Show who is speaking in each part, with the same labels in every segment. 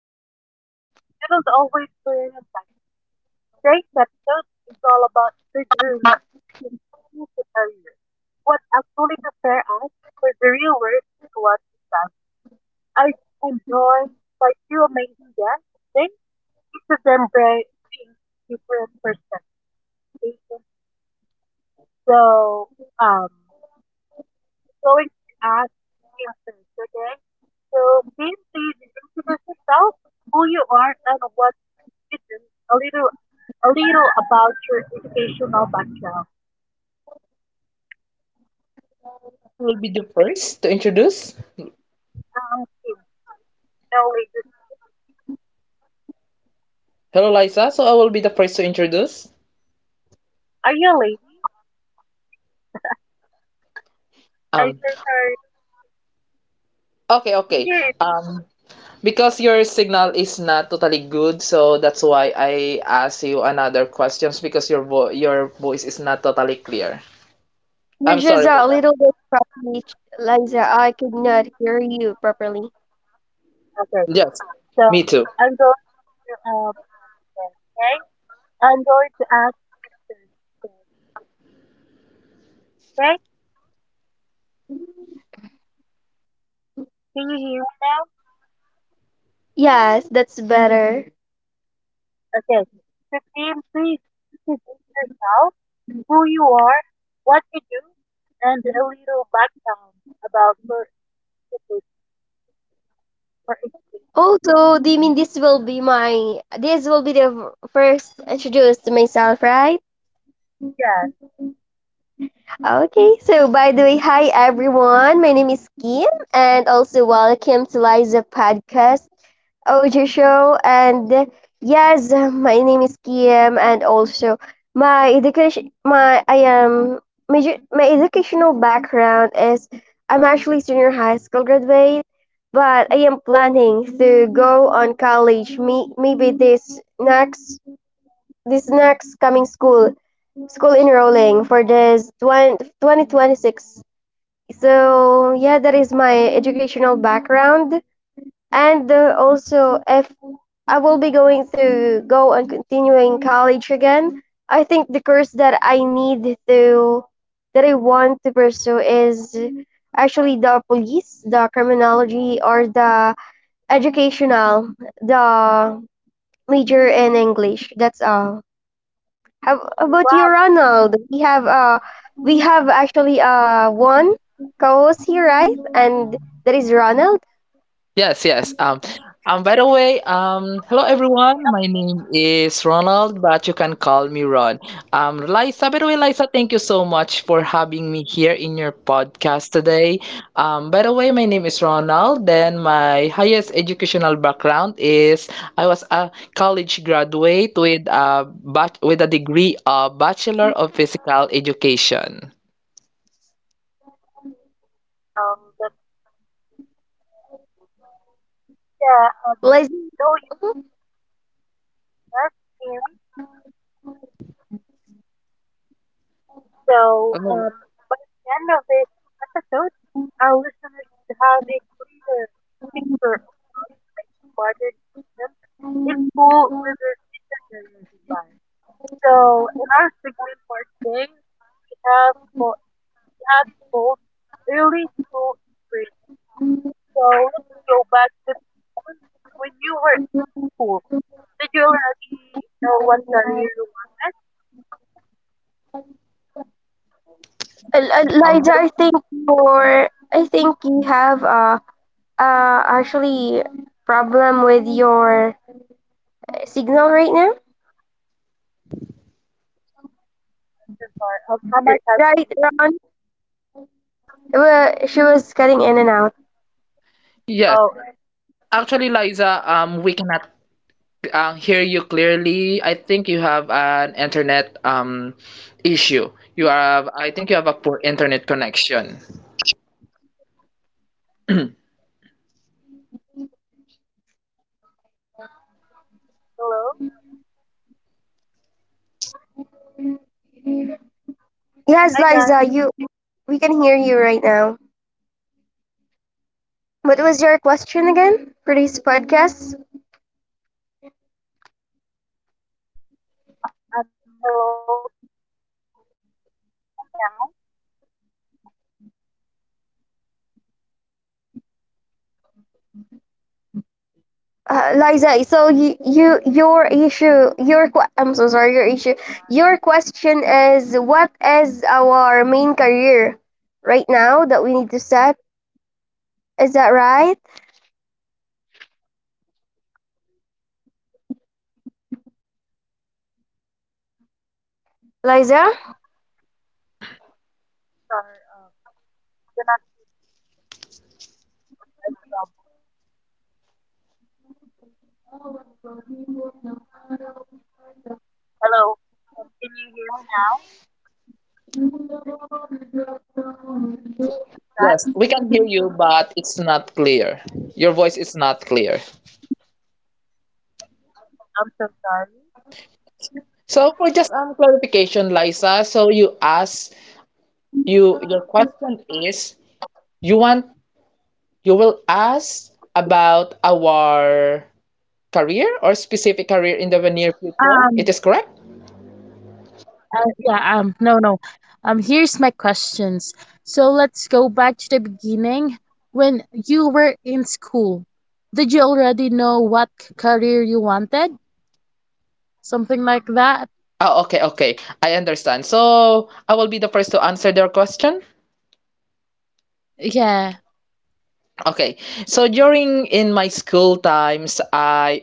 Speaker 1: Lessons that don't always turn impact. Today's episode is all about the journey in school to career, what actually prepare us for the real world to what we love. I am joined by two amazing guests. Today, each of them brings different perspectives. So, I'm going to ask him first, okay? So please introduce yourself, who you are, and what you do. A little, a little about your educational background.
Speaker 2: So I will be the first to introduce.
Speaker 1: Kim, no ladies.
Speaker 2: Hello, Liza. So I will be the first to introduce.
Speaker 1: Are you a lady? I heard
Speaker 2: Um.
Speaker 1: her.
Speaker 2: Okay. Okay.
Speaker 1: Yes.
Speaker 2: Um. Because your signal is not totally good, so that's why I ask you another questions because your voice is not totally clear.
Speaker 3: You're
Speaker 2: I'm
Speaker 3: just
Speaker 2: sorry for
Speaker 3: a
Speaker 2: that.
Speaker 3: little bit scratchy, Liza. I could not hear you properly.
Speaker 1: Okay.
Speaker 2: Yes.
Speaker 1: So
Speaker 2: Me too.
Speaker 1: I'm going to okay. I'm going to ask the question, okay. Can you hear me now?
Speaker 3: Yes, that's better.
Speaker 1: Okay. So Kim, please introduce yourself, who you are, what you do, and a little background about your education.
Speaker 3: Also, do you mean this will be the first introduce to myself, right?
Speaker 1: Yes.
Speaker 3: Okay. So by the way, hi everyone. My name is Kim, and also welcome to Liza podcast. OJ show. And yes, my name is Kiam, and also my education, my I am my educational background is I'm actually senior high school graduate, but I am planning to go on college. Me, maybe this next coming school enrolling for this twenty six. So yeah, that is my educational background. And also, if I will be going to go and continuing college again. I think the course that I want to pursue is actually the police, the criminology, or the educational, the major in English. That's all. How about you,
Speaker 1: Wow.
Speaker 3: Ronald? We have actually one co-host here, right? And that is Ronald.
Speaker 2: Yes, yes. By the way, hello
Speaker 1: So,
Speaker 2: everyone. My name is Ronald, but you can call me Ron. Liza, by the way, Liza, thank you so much for having me here in your podcast today. By the way, my name is Ronald. Then my highest educational background is I was a college graduate with a with a degree of Bachelor of Physical Education.
Speaker 1: The, yeah,
Speaker 3: Let's
Speaker 1: though you just hear so,
Speaker 2: Um,
Speaker 1: By the end of this episode, our listeners should have a clear picture of modern Islam in full with their contemporary life. So, in our segment for today, we have, co- we have it called Early School Experience. So, let's go back to when you were in school. Did you already know what career you wanted?
Speaker 2: um,
Speaker 1: To
Speaker 3: Liza,
Speaker 1: the
Speaker 3: I think your I think you have actually problem with your signal right now.
Speaker 1: wonders part of how my cousin
Speaker 3: Right,
Speaker 1: Nina.
Speaker 3: Ron? She was cutting in and out.
Speaker 2: yes,
Speaker 1: Oh,
Speaker 2: actually, Liza, we cannot hear you clearly. I think you have an internet issue. I think you have a poor internet connection.
Speaker 1: um, hello? Hi,
Speaker 3: Yes,
Speaker 1: guys.
Speaker 3: Liza, you we can hear you right now. What was your question again for this podcast?
Speaker 1: Hello, now?
Speaker 3: Liza, so you your issue your que- I'm so sorry, your question is what is our main career right now that we need to set, is that right? Liza?
Speaker 1: Are you still there? This are, you're not, um, hello. Can you hear me now,
Speaker 2: Yes, yes, we can hear you, but it's
Speaker 1: guys?
Speaker 2: not clear. Your voice is not clear.
Speaker 1: I'm so
Speaker 2: So for
Speaker 1: sorry.
Speaker 2: just clarification, Liza, so you your question is you want you will ask about our career or specific career in the near future. It
Speaker 1: Um,
Speaker 2: is correct?
Speaker 1: yeah, no, no. Here's my questions. So let's go back to the beginning. When you were in school, did you already know what career you wanted? Something like that?
Speaker 2: Oh, okay, okay. I understand. So I will be the first to answer their question.
Speaker 1: Yeah.
Speaker 2: Okay. So during in my school times, I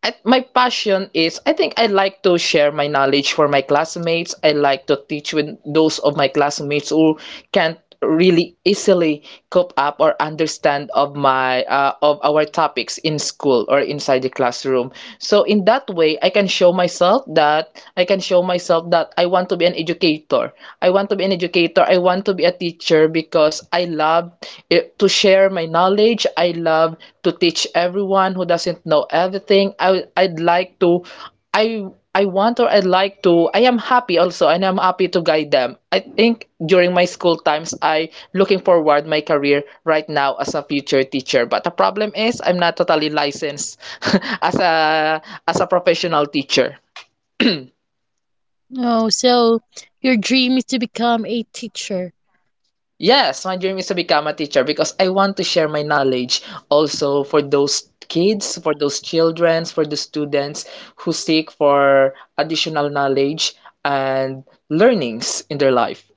Speaker 2: I, my passion is I think I like to share my knowledge for my classmates. I like to teach with those of my classmates who can't really easily cope up or understand of our topics in school or inside the classroom. So in that way, I can show myself that I want to be an educator. I want to be an educator. I want to be a teacher because I love it, to share my knowledge. I love to teach everyone who doesn't know everything. I I am happy also and I'm happy to guide them. I think during my school times I looking forward my career right now as a future teacher. But the problem is I'm not totally licensed as a professional teacher.
Speaker 1: Oh, so your dream is to become a teacher.
Speaker 2: Yes, my dream is to become a teacher because I want to share my knowledge also for those kids, for those children, for the students who seek for additional knowledge and learnings in their life.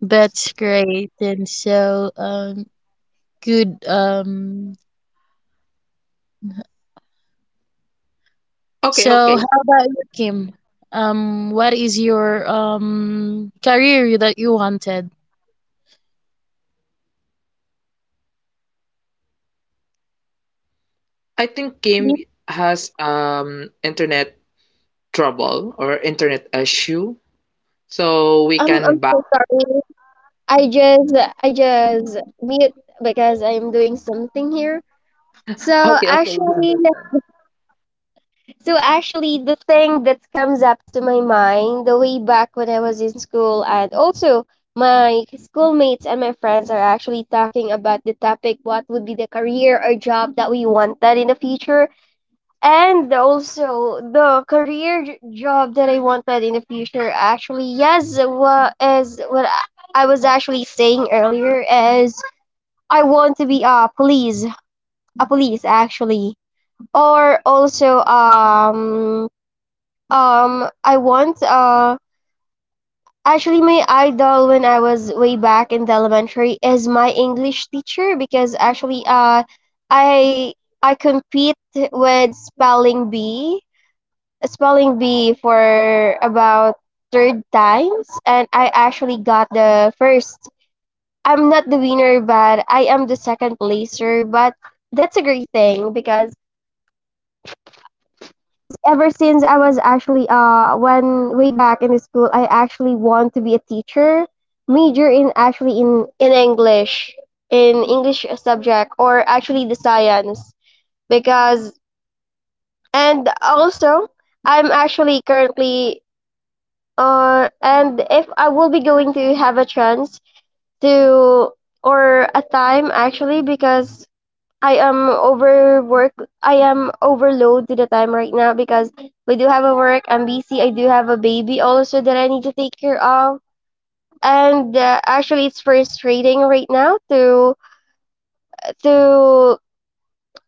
Speaker 1: That's great. And so, good.
Speaker 2: Okay, okay.
Speaker 1: So how about you, Kim? What is your career that you wanted?
Speaker 2: I think
Speaker 1: Me?
Speaker 2: Kim has internet trouble or internet issue, so
Speaker 3: Oh,
Speaker 2: we
Speaker 3: I'm
Speaker 2: can
Speaker 3: I'm
Speaker 2: back.
Speaker 3: so sorry. I just mute because I'm doing something here. So
Speaker 2: Okay, okay, we
Speaker 3: actually,
Speaker 2: understand.
Speaker 3: the thing that comes up to my mind the way back when I was in school, and also my schoolmates and my friends are actually talking about the topic: what would be the career or job that we wanted in the future? And also the career job that I wanted in the future, actually, yes, what I was actually saying earlier is I want to be a police, actually, or also I want actually my idol when I was way back in the elementary is my English teacher, because actually I I compete with spelling bee for about third times, and I actually got the first. I'm not the winner, but I am the second placer, but that's a great thing, because ever since I was actually when way back in the school, I actually want to be a teacher, major in actually in English in English subject, or actually the science, because, and also, I'm actually currently, or and if I will be going to have a chance to or a time, actually, because I am overwork I am overload to the time right now, because we do have a work, I'm busy, I do have a baby also that I need to take care of. And actually, it's frustrating right now to to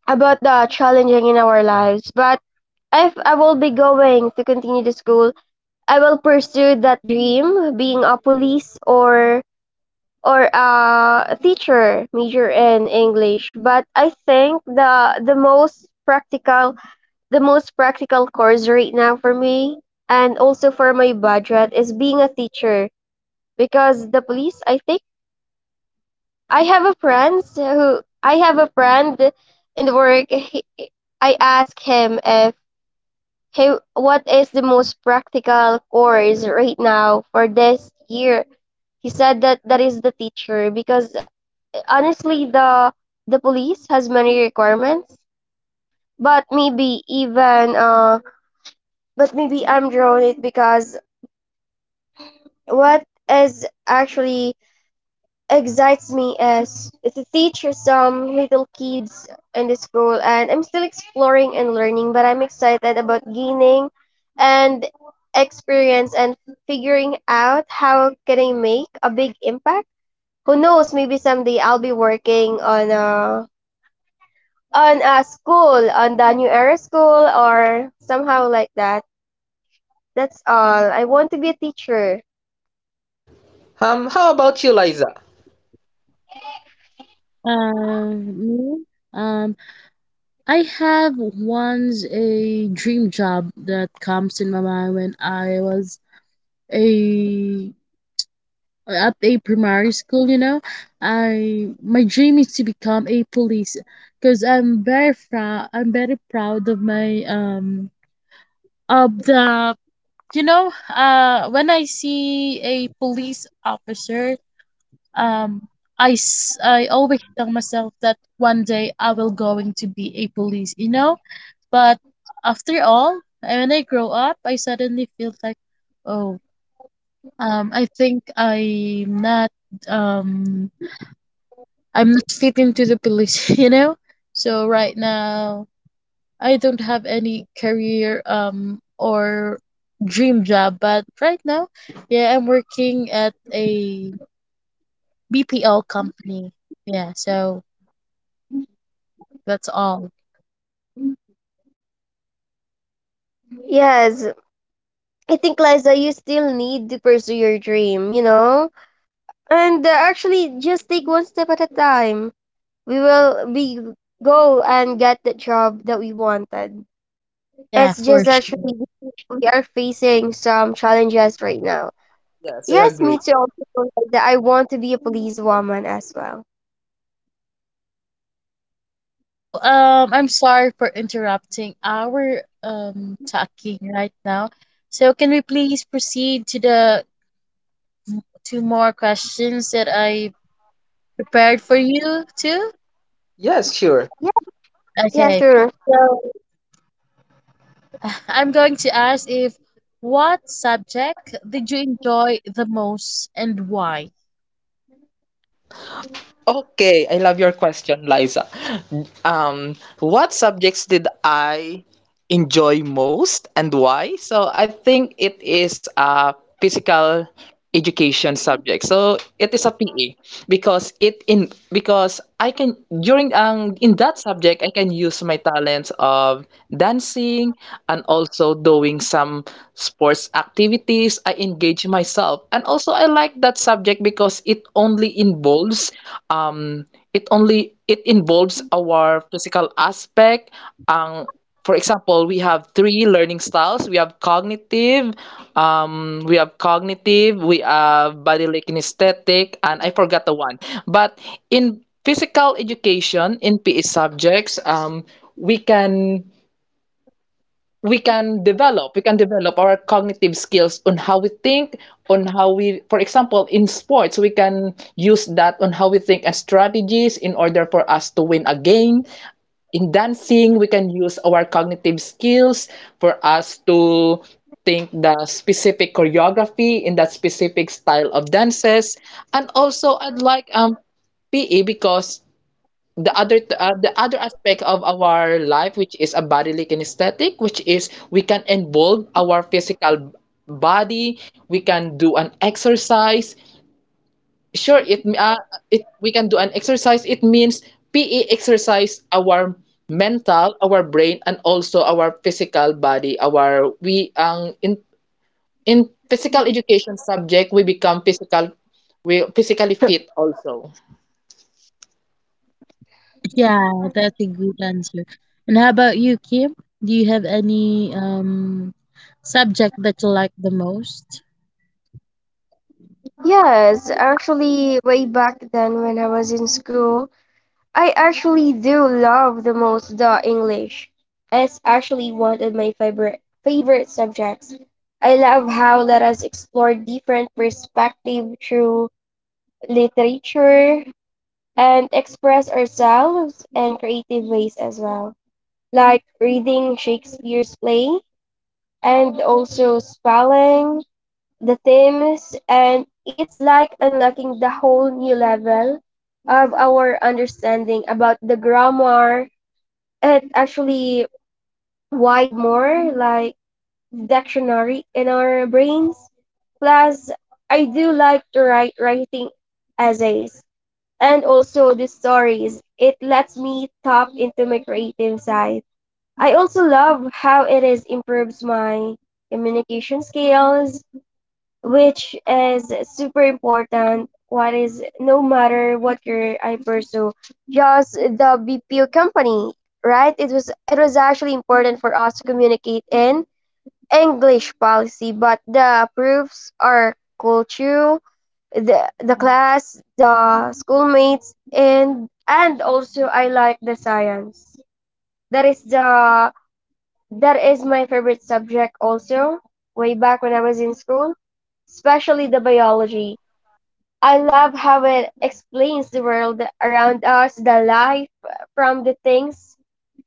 Speaker 3: about the challenging in our lives. But if I will be going to continue the school, I will pursue that dream, being a police or a teacher, major in English. But I think the most practical the most practical course right now for me and also for my budget is being a teacher. Because the police, I think, I have a friend in the work, I ask him if he what is the most practical course right now for this year. He said that that is the teacher, because honestly the police has many requirements. But maybe even but maybe I'm drawn it, because what is actually excites me is to teach some little kids in the school, and I'm still exploring and learning, but I'm excited about gaining and experience and figuring out how can I make a big impact. Who knows, maybe someday I'll be working on a school, on the New Era school, or somehow like that. That's all. I want to be a teacher.
Speaker 2: How about you, Liza?
Speaker 1: Me? Um, I have once a dream job that comes in my mind when I was a at a primary school, you know. I my dream is to become a police because I'm very proud of my of the you know when I see a police officer um I always tell myself that one day I will going to be a police, you know? But after all, when I grow up, I suddenly feel like, oh, um, I think I'm not um I'm not speaking to the police, you know? So right now, I don't have any career or dream job, but right now, yeah, I'm working at a BPL company. Yeah, so that's all.
Speaker 3: Yes, I think, Liza, you still need to pursue your dream, you know? And actually, just take one step at a time. We will be go and get the job that we wanted.
Speaker 1: Yeah,
Speaker 3: It's
Speaker 1: for
Speaker 3: just
Speaker 1: sure.
Speaker 3: actually we are facing some challenges right now.
Speaker 2: Yes, I
Speaker 3: Yes,
Speaker 2: agree.
Speaker 3: me too. Also, Liza, I want to be a police woman as well.
Speaker 1: So, I'm sorry for interrupting our talking right now. So can we please proceed to the two more questions that I prepared for you too?
Speaker 2: Yes, sure.
Speaker 3: Yeah, yeah,
Speaker 1: Okay.
Speaker 3: sure.
Speaker 1: So I'm going to ask if what subject did you enjoy the most and why?
Speaker 2: Okay, I love your question, Liza. What subjects did I enjoy most and why? So I think it is a physical education subject. So it is a PE because I can during in that subject I can use my talents of dancing and also doing some sports activities. I engage myself and also I like that subject because it only involves um it only it involves our physical aspect. Ang, for example, we have three learning styles. We have cognitive, we have bodily kinesthetic, and I forgot the one. But in physical education, in PE subjects, we can we can develop our cognitive skills on how we think, on how we for example, in sports, we can use that on how we think and strategies in order for us to win a game. In dancing, we can use our cognitive skills for us to think the specific choreography in that specific style of dances. And also I'd like PE because the other aspect of our life, which is a bodily kinesthetic, which is we can involve our physical body. We can do an exercise. Sure it uh, it we can do an exercise. It means PE exercise our mental, our brain, and also our physical body. Our we In physical education subject, we become physical, we physically fit also.
Speaker 1: Yeah, that's a good answer. And how about you, Kim? Do you have any subject that you like the most?
Speaker 3: Yes, actually, way back then when I was in school, I actually do love the most the English. It's actually one of my favorite subjects. I love how let us explore different perspective through literature and express ourselves in creative ways as well, like reading Shakespeare's play and also spelling the themes, and it's like unlocking the whole new level of our understanding about the grammar. It actually wide more like dictionary in our brains. Plus, I do like to write writing essays, and also the stories, it lets me tap into my creative side. I also love how it is improves my communication skills, which is super important, what is no matter what your I pursue, just the BPO company, right? It was actually important for us to communicate in english policy, but the proofs are culture, the class, the schoolmates. And also, I like the science. That is the, that is my favorite subject also, way back when I was in school, especially the biology. I love how it explains the world around us, the life, from the things,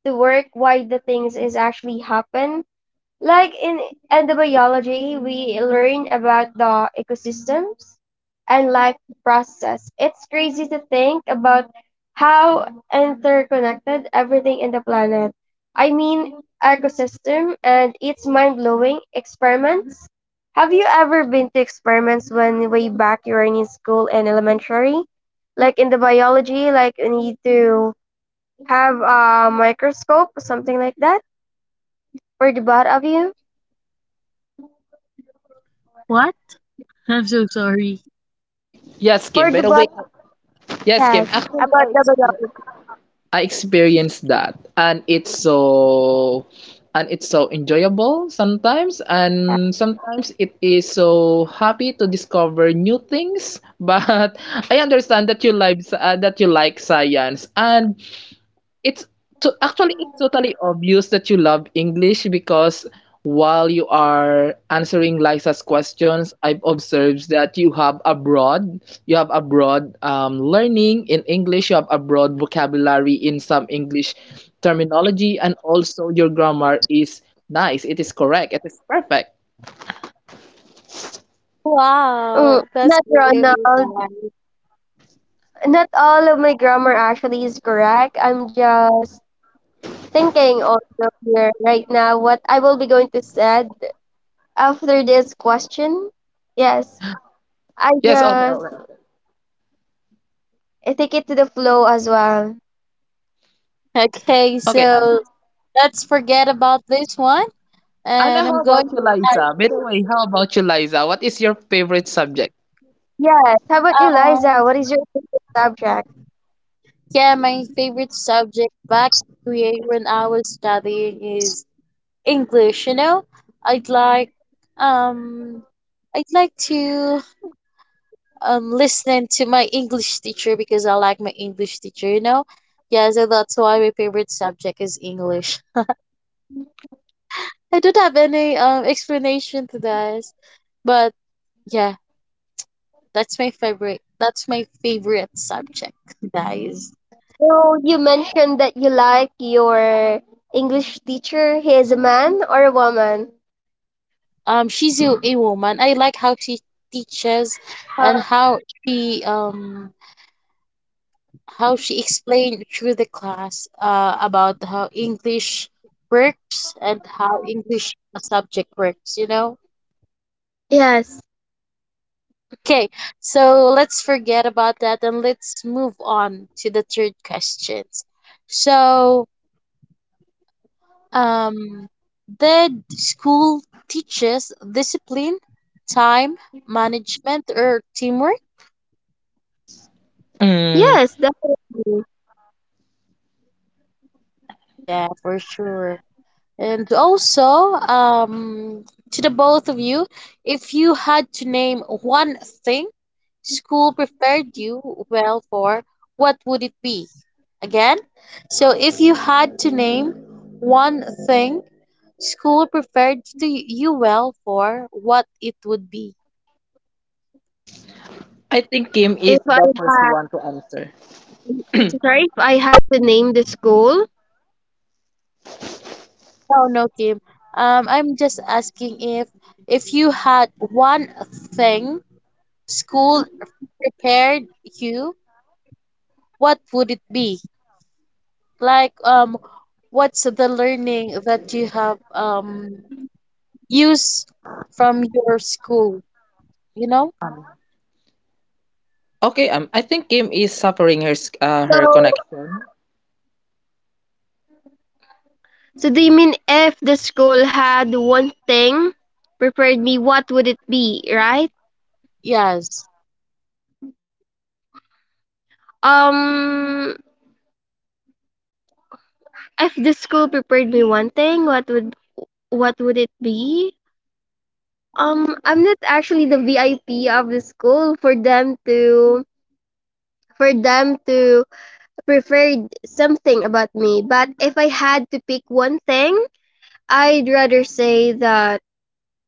Speaker 3: to work, why the things is actually happen. Like in biology, we learn about the ecosystems and life process. It's crazy to think about how interconnected everything in the planet. I mean, ecosystem and its mind-blowing experiments. Have you ever been to experiments when way back you were in school and elementary? Like in the biology, like you need to have a microscope, something like that, for the both of you?
Speaker 1: What? I'm so sorry.
Speaker 2: Yes kim
Speaker 3: For
Speaker 2: by
Speaker 3: the
Speaker 2: the way yes kim
Speaker 3: Yes,
Speaker 2: actually I
Speaker 3: about the
Speaker 2: expe-
Speaker 3: biology.
Speaker 2: I experienced that, and it's so enjoyable sometimes,
Speaker 3: Yeah.
Speaker 2: and sometimes it is so happy to discover new things but I understand that you like science. And It's to actually, it's totally obvious that you love English because while you are answering Liza's questions, I've observed that you have a broad learning in English, you have a broad vocabulary in some English terminology, and also your grammar is nice. It is correct. It is perfect.
Speaker 3: Mm,
Speaker 1: Wow, that's
Speaker 3: not
Speaker 1: really
Speaker 3: Ronald.
Speaker 1: bad.
Speaker 3: Not all of my grammar actually is correct. I'm just thinking also here right now what I will be going to said after this question. Yes, I
Speaker 2: Yes. Okay.
Speaker 3: just
Speaker 2: Okay. Okay.
Speaker 3: I take it to the flow as well.
Speaker 1: Okay,
Speaker 2: Okay, Anna,
Speaker 1: so let's forget about this one.
Speaker 2: Anna,
Speaker 1: And I'm
Speaker 2: how
Speaker 1: going
Speaker 2: about
Speaker 1: to
Speaker 2: you, Liza? By the way, how about you, Liza? What is your favorite subject?
Speaker 3: Yes. How about you,
Speaker 1: um,
Speaker 3: Liza? What is your favorite subject?
Speaker 1: yeah, my favorite subject back way when I was studying is English, you know? I'd like um I'd like to listen to my English teacher because I like my English teacher, you know? Yeah, so that's why my favorite subject is English. I don't have any explanation to this, but yeah, That's my favorite subject, guys.
Speaker 3: So you mentioned that you like your English teacher. He is a man or a woman?
Speaker 1: She's a woman. I like how she teaches and
Speaker 3: Uh,
Speaker 1: she um how she explained through the class about how English works and how English subject works. You know.
Speaker 3: Yes.
Speaker 1: Okay, so let's forget about that and let's move on to the third questions. So um, the school teaches discipline, time management, or teamwork.
Speaker 2: Mm.
Speaker 3: Yes, definitely.
Speaker 1: Yeah, for sure. And also, um, to the both of you, if you had to name one thing school prepared you well for, what would it be? Again, so if you had to name one thing school prepared to you well for, what it would be?
Speaker 2: I think Kim
Speaker 3: If
Speaker 2: is
Speaker 3: I
Speaker 2: the first
Speaker 3: had,
Speaker 2: one to answer.
Speaker 3: Sorry, if I had to name the school,
Speaker 1: No, no, Kim. I'm just asking if you had one thing school prepared you, what would it be? Like, what's the learning that you have used from your school? You know?
Speaker 2: Okay, I think Kim is suffering
Speaker 3: so
Speaker 2: her connection.
Speaker 3: so, do you mean if the school had one thing prepared me, what would it be, right?
Speaker 1: Yes.
Speaker 3: Um, if the school prepared me one thing, what would it be? I'm not actually the VIP of the school for them to prefer something about me. But if I had to pick one thing, I'd rather say that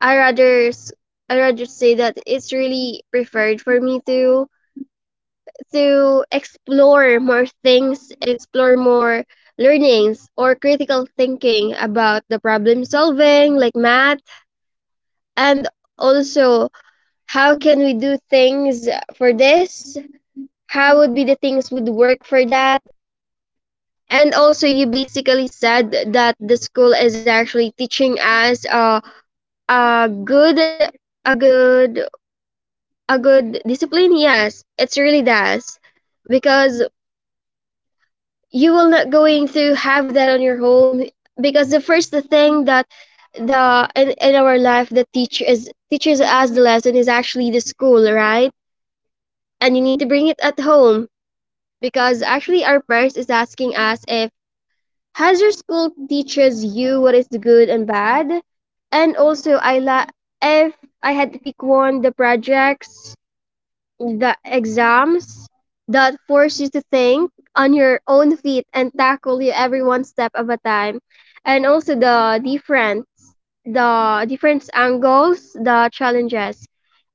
Speaker 3: I rather s- I rather say that it's really preferred for me to explore more things, explore more learnings, or critical thinking about the problem solving like math, and also how can we do things for this? How would be the things would work for that? And also, you basically said that the school is actually teaching us, a good, a good a good discipline. Yes, it's really does, because you will not going to have that on your home, because the first thing that in our life that teaches us the lesson is actually the school, right? And you need to bring it at home, because actually our parents is asking us if has your school teaches you what is the good and bad. And also, if I had to pick one, the projects, the exams, that force you to think on your own feet and tackle you every one step of a time, and also the different angles, the challenges.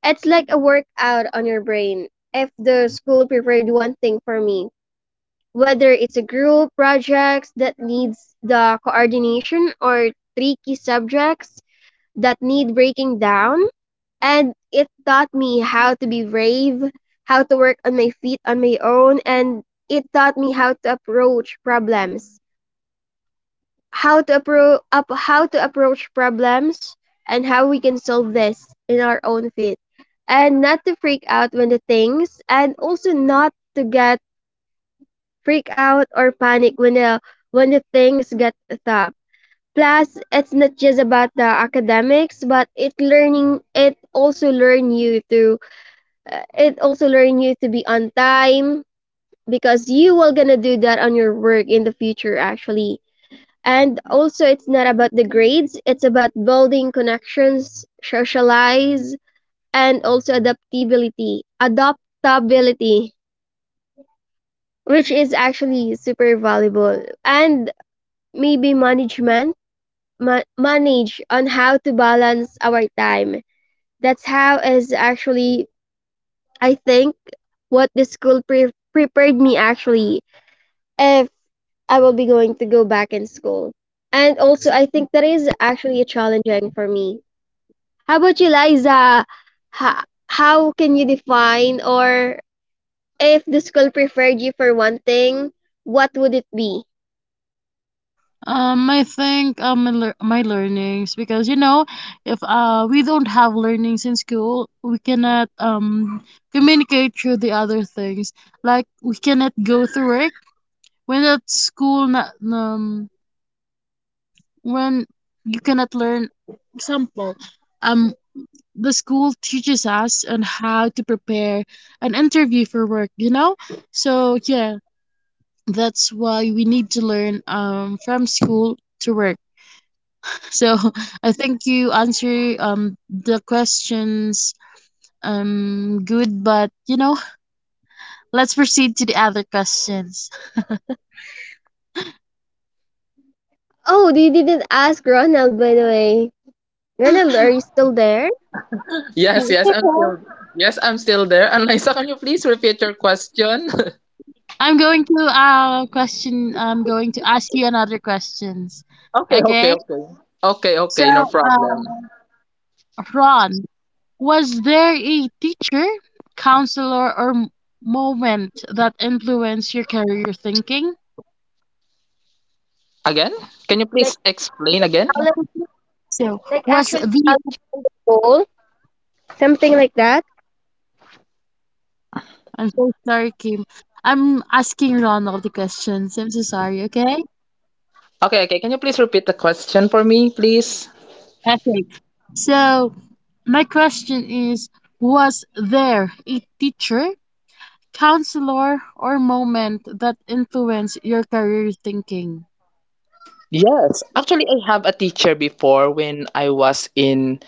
Speaker 3: It's like a workout on your brain. If the school prepared one thing for me, whether it's a group projects that needs the coordination, or tricky subjects that need breaking down, and it taught me how to be brave, how to work on my feet on my own, and it taught me how to approach problems, how to approach problems, and how we can solve this in our own feet, and not to freak out when the things, and also not to get freak out or panic when the things get tough. Plus, it's not just about the academics, but it also learn you to It also learn you to be on time, because you will gonna do that on your work in the future, actually. And also, it's not about the grades, it's about building connections, socialize, and also adaptability. Adaptability, which is actually super valuable. And maybe management, manage on how to balance our time. That's how is actually, I think, what the school prepared me, actually, if I will be going to go back in school. And also, I think that is actually challenging for me. How about you, Liza? How can you define, or if the school preferred you for one thing, what would it be?
Speaker 1: I think my, my learnings because you know if we don't have learnings in school we cannot communicate through the other things like we cannot go to work when at school not when you cannot learn example um the school teaches us on how to prepare an interview for work you know so yeah that's why we need to learn from school to work. So I think you answer the questions good, but you know, let's proceed to the other questions.
Speaker 3: Oh, you didn't ask Ronald, by the way. Ronald, are you still there?
Speaker 2: Yes,
Speaker 1: It's
Speaker 2: yes, I'm
Speaker 1: okay.
Speaker 2: still yes, I'm still there. And Lisa, can you please repeat your question?
Speaker 1: I'm going to question. I'm going to ask you another questions.
Speaker 2: Okay, okay,
Speaker 1: Okay.
Speaker 2: okay, okay,
Speaker 1: So,
Speaker 2: okay, no problem.
Speaker 1: uh, Ron, was there a teacher, counselor, or moment that influenced your career thinking?
Speaker 2: Again, can you
Speaker 3: Like,
Speaker 2: please explain again?
Speaker 3: challenge,
Speaker 1: So,
Speaker 3: like
Speaker 1: was
Speaker 3: actually
Speaker 1: the
Speaker 3: challenging the goal, something like that.
Speaker 1: I'm so sorry, Kim. I'm asking Ronald the questions. I'm so sorry, okay?
Speaker 2: Okay, okay, can you please repeat the question for me, please?
Speaker 1: Okay. So, my question is: was there a teacher, counselor, or moment that influenced your career thinking?
Speaker 2: Yes, actually, I have a teacher before when I was in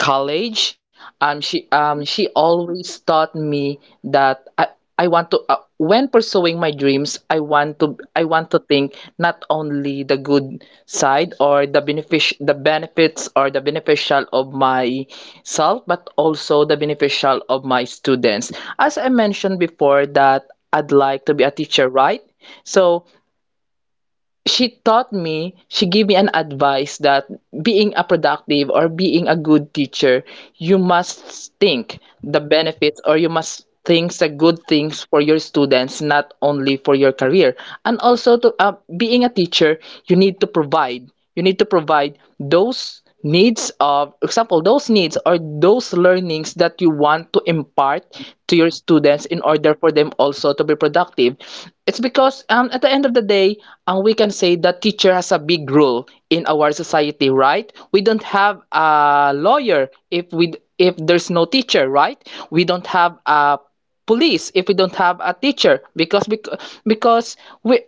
Speaker 2: college. She always taught me that I want to when pursuing my dreams, I want to think not only the good side or the the benefits or the beneficial of my self, but also the beneficial of my students. As I mentioned before, that I'd like to be a teacher, right? So she taught me, she gave me an advice that being a productive or being a good teacher, you must think the benefits, or you must think the good things for your students, not only for your career. And also, to being a teacher, you need to provide. You need to provide those needs or those learnings that you want to impart to your students in order for them also to be productive. It's because, at the end of the day, we can say that teacher has a big role in our society, right? We don't have a lawyer if we if there's no teacher, right? We don't have a police if we don't have a teacher. Because because we,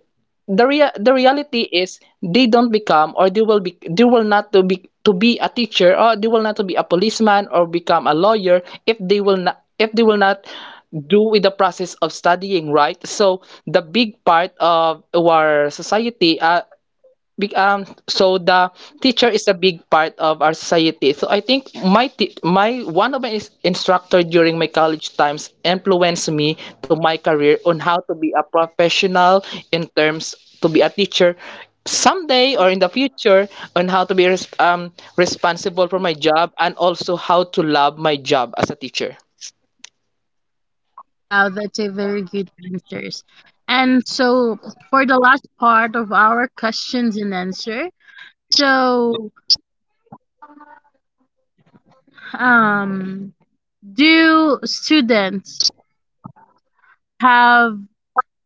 Speaker 2: the reality is, they don't become, or they will not to be a teacher, or they will not to be a policeman or become a lawyer if they will not if they will not do with the process of studying, right? So the big part of our society, so the teacher is a big part of our society. So I think my one of my is- instructor during my college times influenced me to my career on how to be a professional in terms to be a teacher someday or in the future, on how to be responsible for my job and also how to love my job as a teacher.
Speaker 1: Wow, that's a very good answers. And so, for the last part of our questions and answer, so um, do students have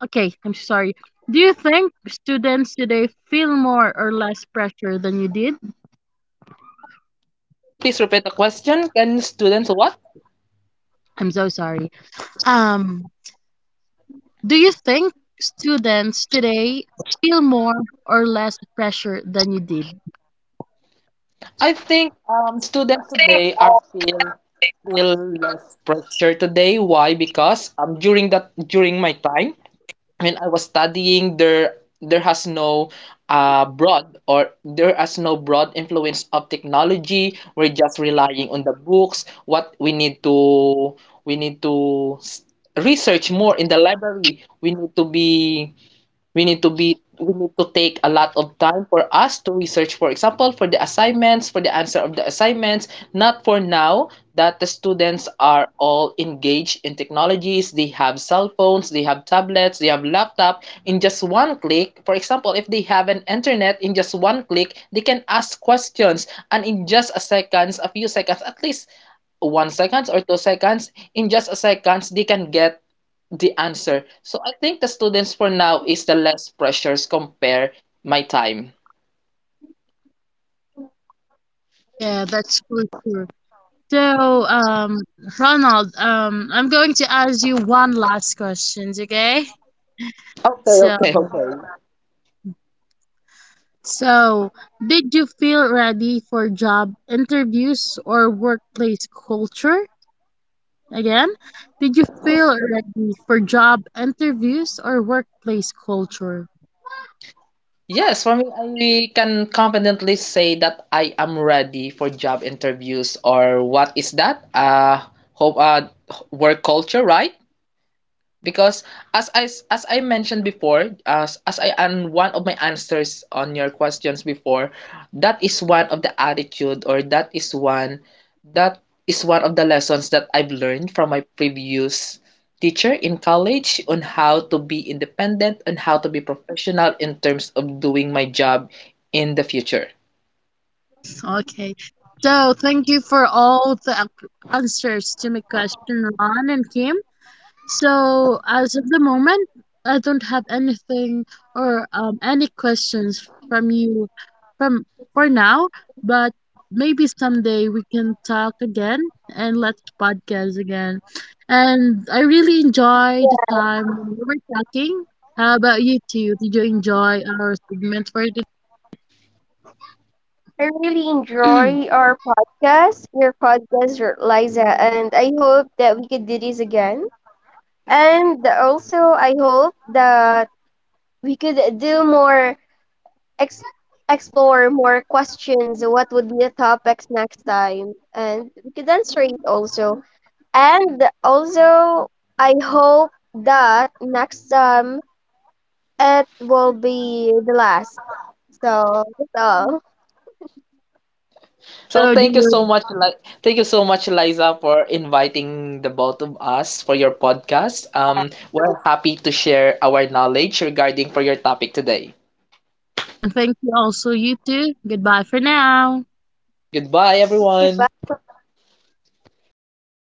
Speaker 1: okay, I'm sorry. Do you think students today feel more or less pressure than you did?
Speaker 2: Then can you please repeat the question? Can students what?
Speaker 1: I'm so sorry. Um, do you think students today feel more or less pressure than you did?
Speaker 2: I think students today are feel feel less pressure today. Why? Because during my time when I was studying, there has no broad, or there has no broad influence of technology. We're just relying on the books. What we need to research more in the library. We need to take a lot of time for us to research, for example, for the assignments, for the answer of the assignments, not for now that the students are all engaged in technologies. They have cell phones, they have tablets, they have laptop. In just one click, for example, if they have an internet, in just one click, they can ask questions, and in just a seconds, a few seconds, at least 1 seconds or 2 seconds, in just a seconds, they can get the answer. So I think the students for now is the less pressures compare my time.
Speaker 1: Yeah, yeah, that's for sure. So, Ronald, I'm going to ask you one last question, okay?
Speaker 2: Okay,
Speaker 1: So,
Speaker 2: okay, okay, okay.
Speaker 1: so did you feel ready for job interviews or workplace culture? Again, did you feel ready for job interviews or workplace culture?
Speaker 2: Yes, for me, I can confidently say that I am ready for job interviews, or what is that? Hope, work culture, right? Because as I as I mentioned before, as I and one of my answers on your questions before, that is one of the attitude, or that is one of the lessons that I've learned from my previous teacher in college on how to be independent and how to be professional in terms of doing my job in the future.
Speaker 1: Okay. So, thank you for all the answers to my question, Ron and Kim. So, as of the moment, I don't have anything or any questions from you from for now, but maybe someday we can talk again and let's podcast again. And I really enjoy the time we were talking. How about you two? Did you enjoy our segment?
Speaker 3: I really enjoy our podcast, your podcast, Liza, and I hope that we could do this again. And also, I hope that we could do more, ex- explore more questions. What would be the topics next time? And we could answer it also. And also, I hope that next time it will be the last. So that's all.
Speaker 2: So
Speaker 1: So,
Speaker 2: thank you
Speaker 1: dear,
Speaker 2: so much, thank you so much, Liza, for inviting the both of us for your podcast. We're happy to share our knowledge regarding for your topic today.
Speaker 1: and thank you also, you too. Goodbye for now.
Speaker 2: Goodbye, everyone.
Speaker 3: Goodbye.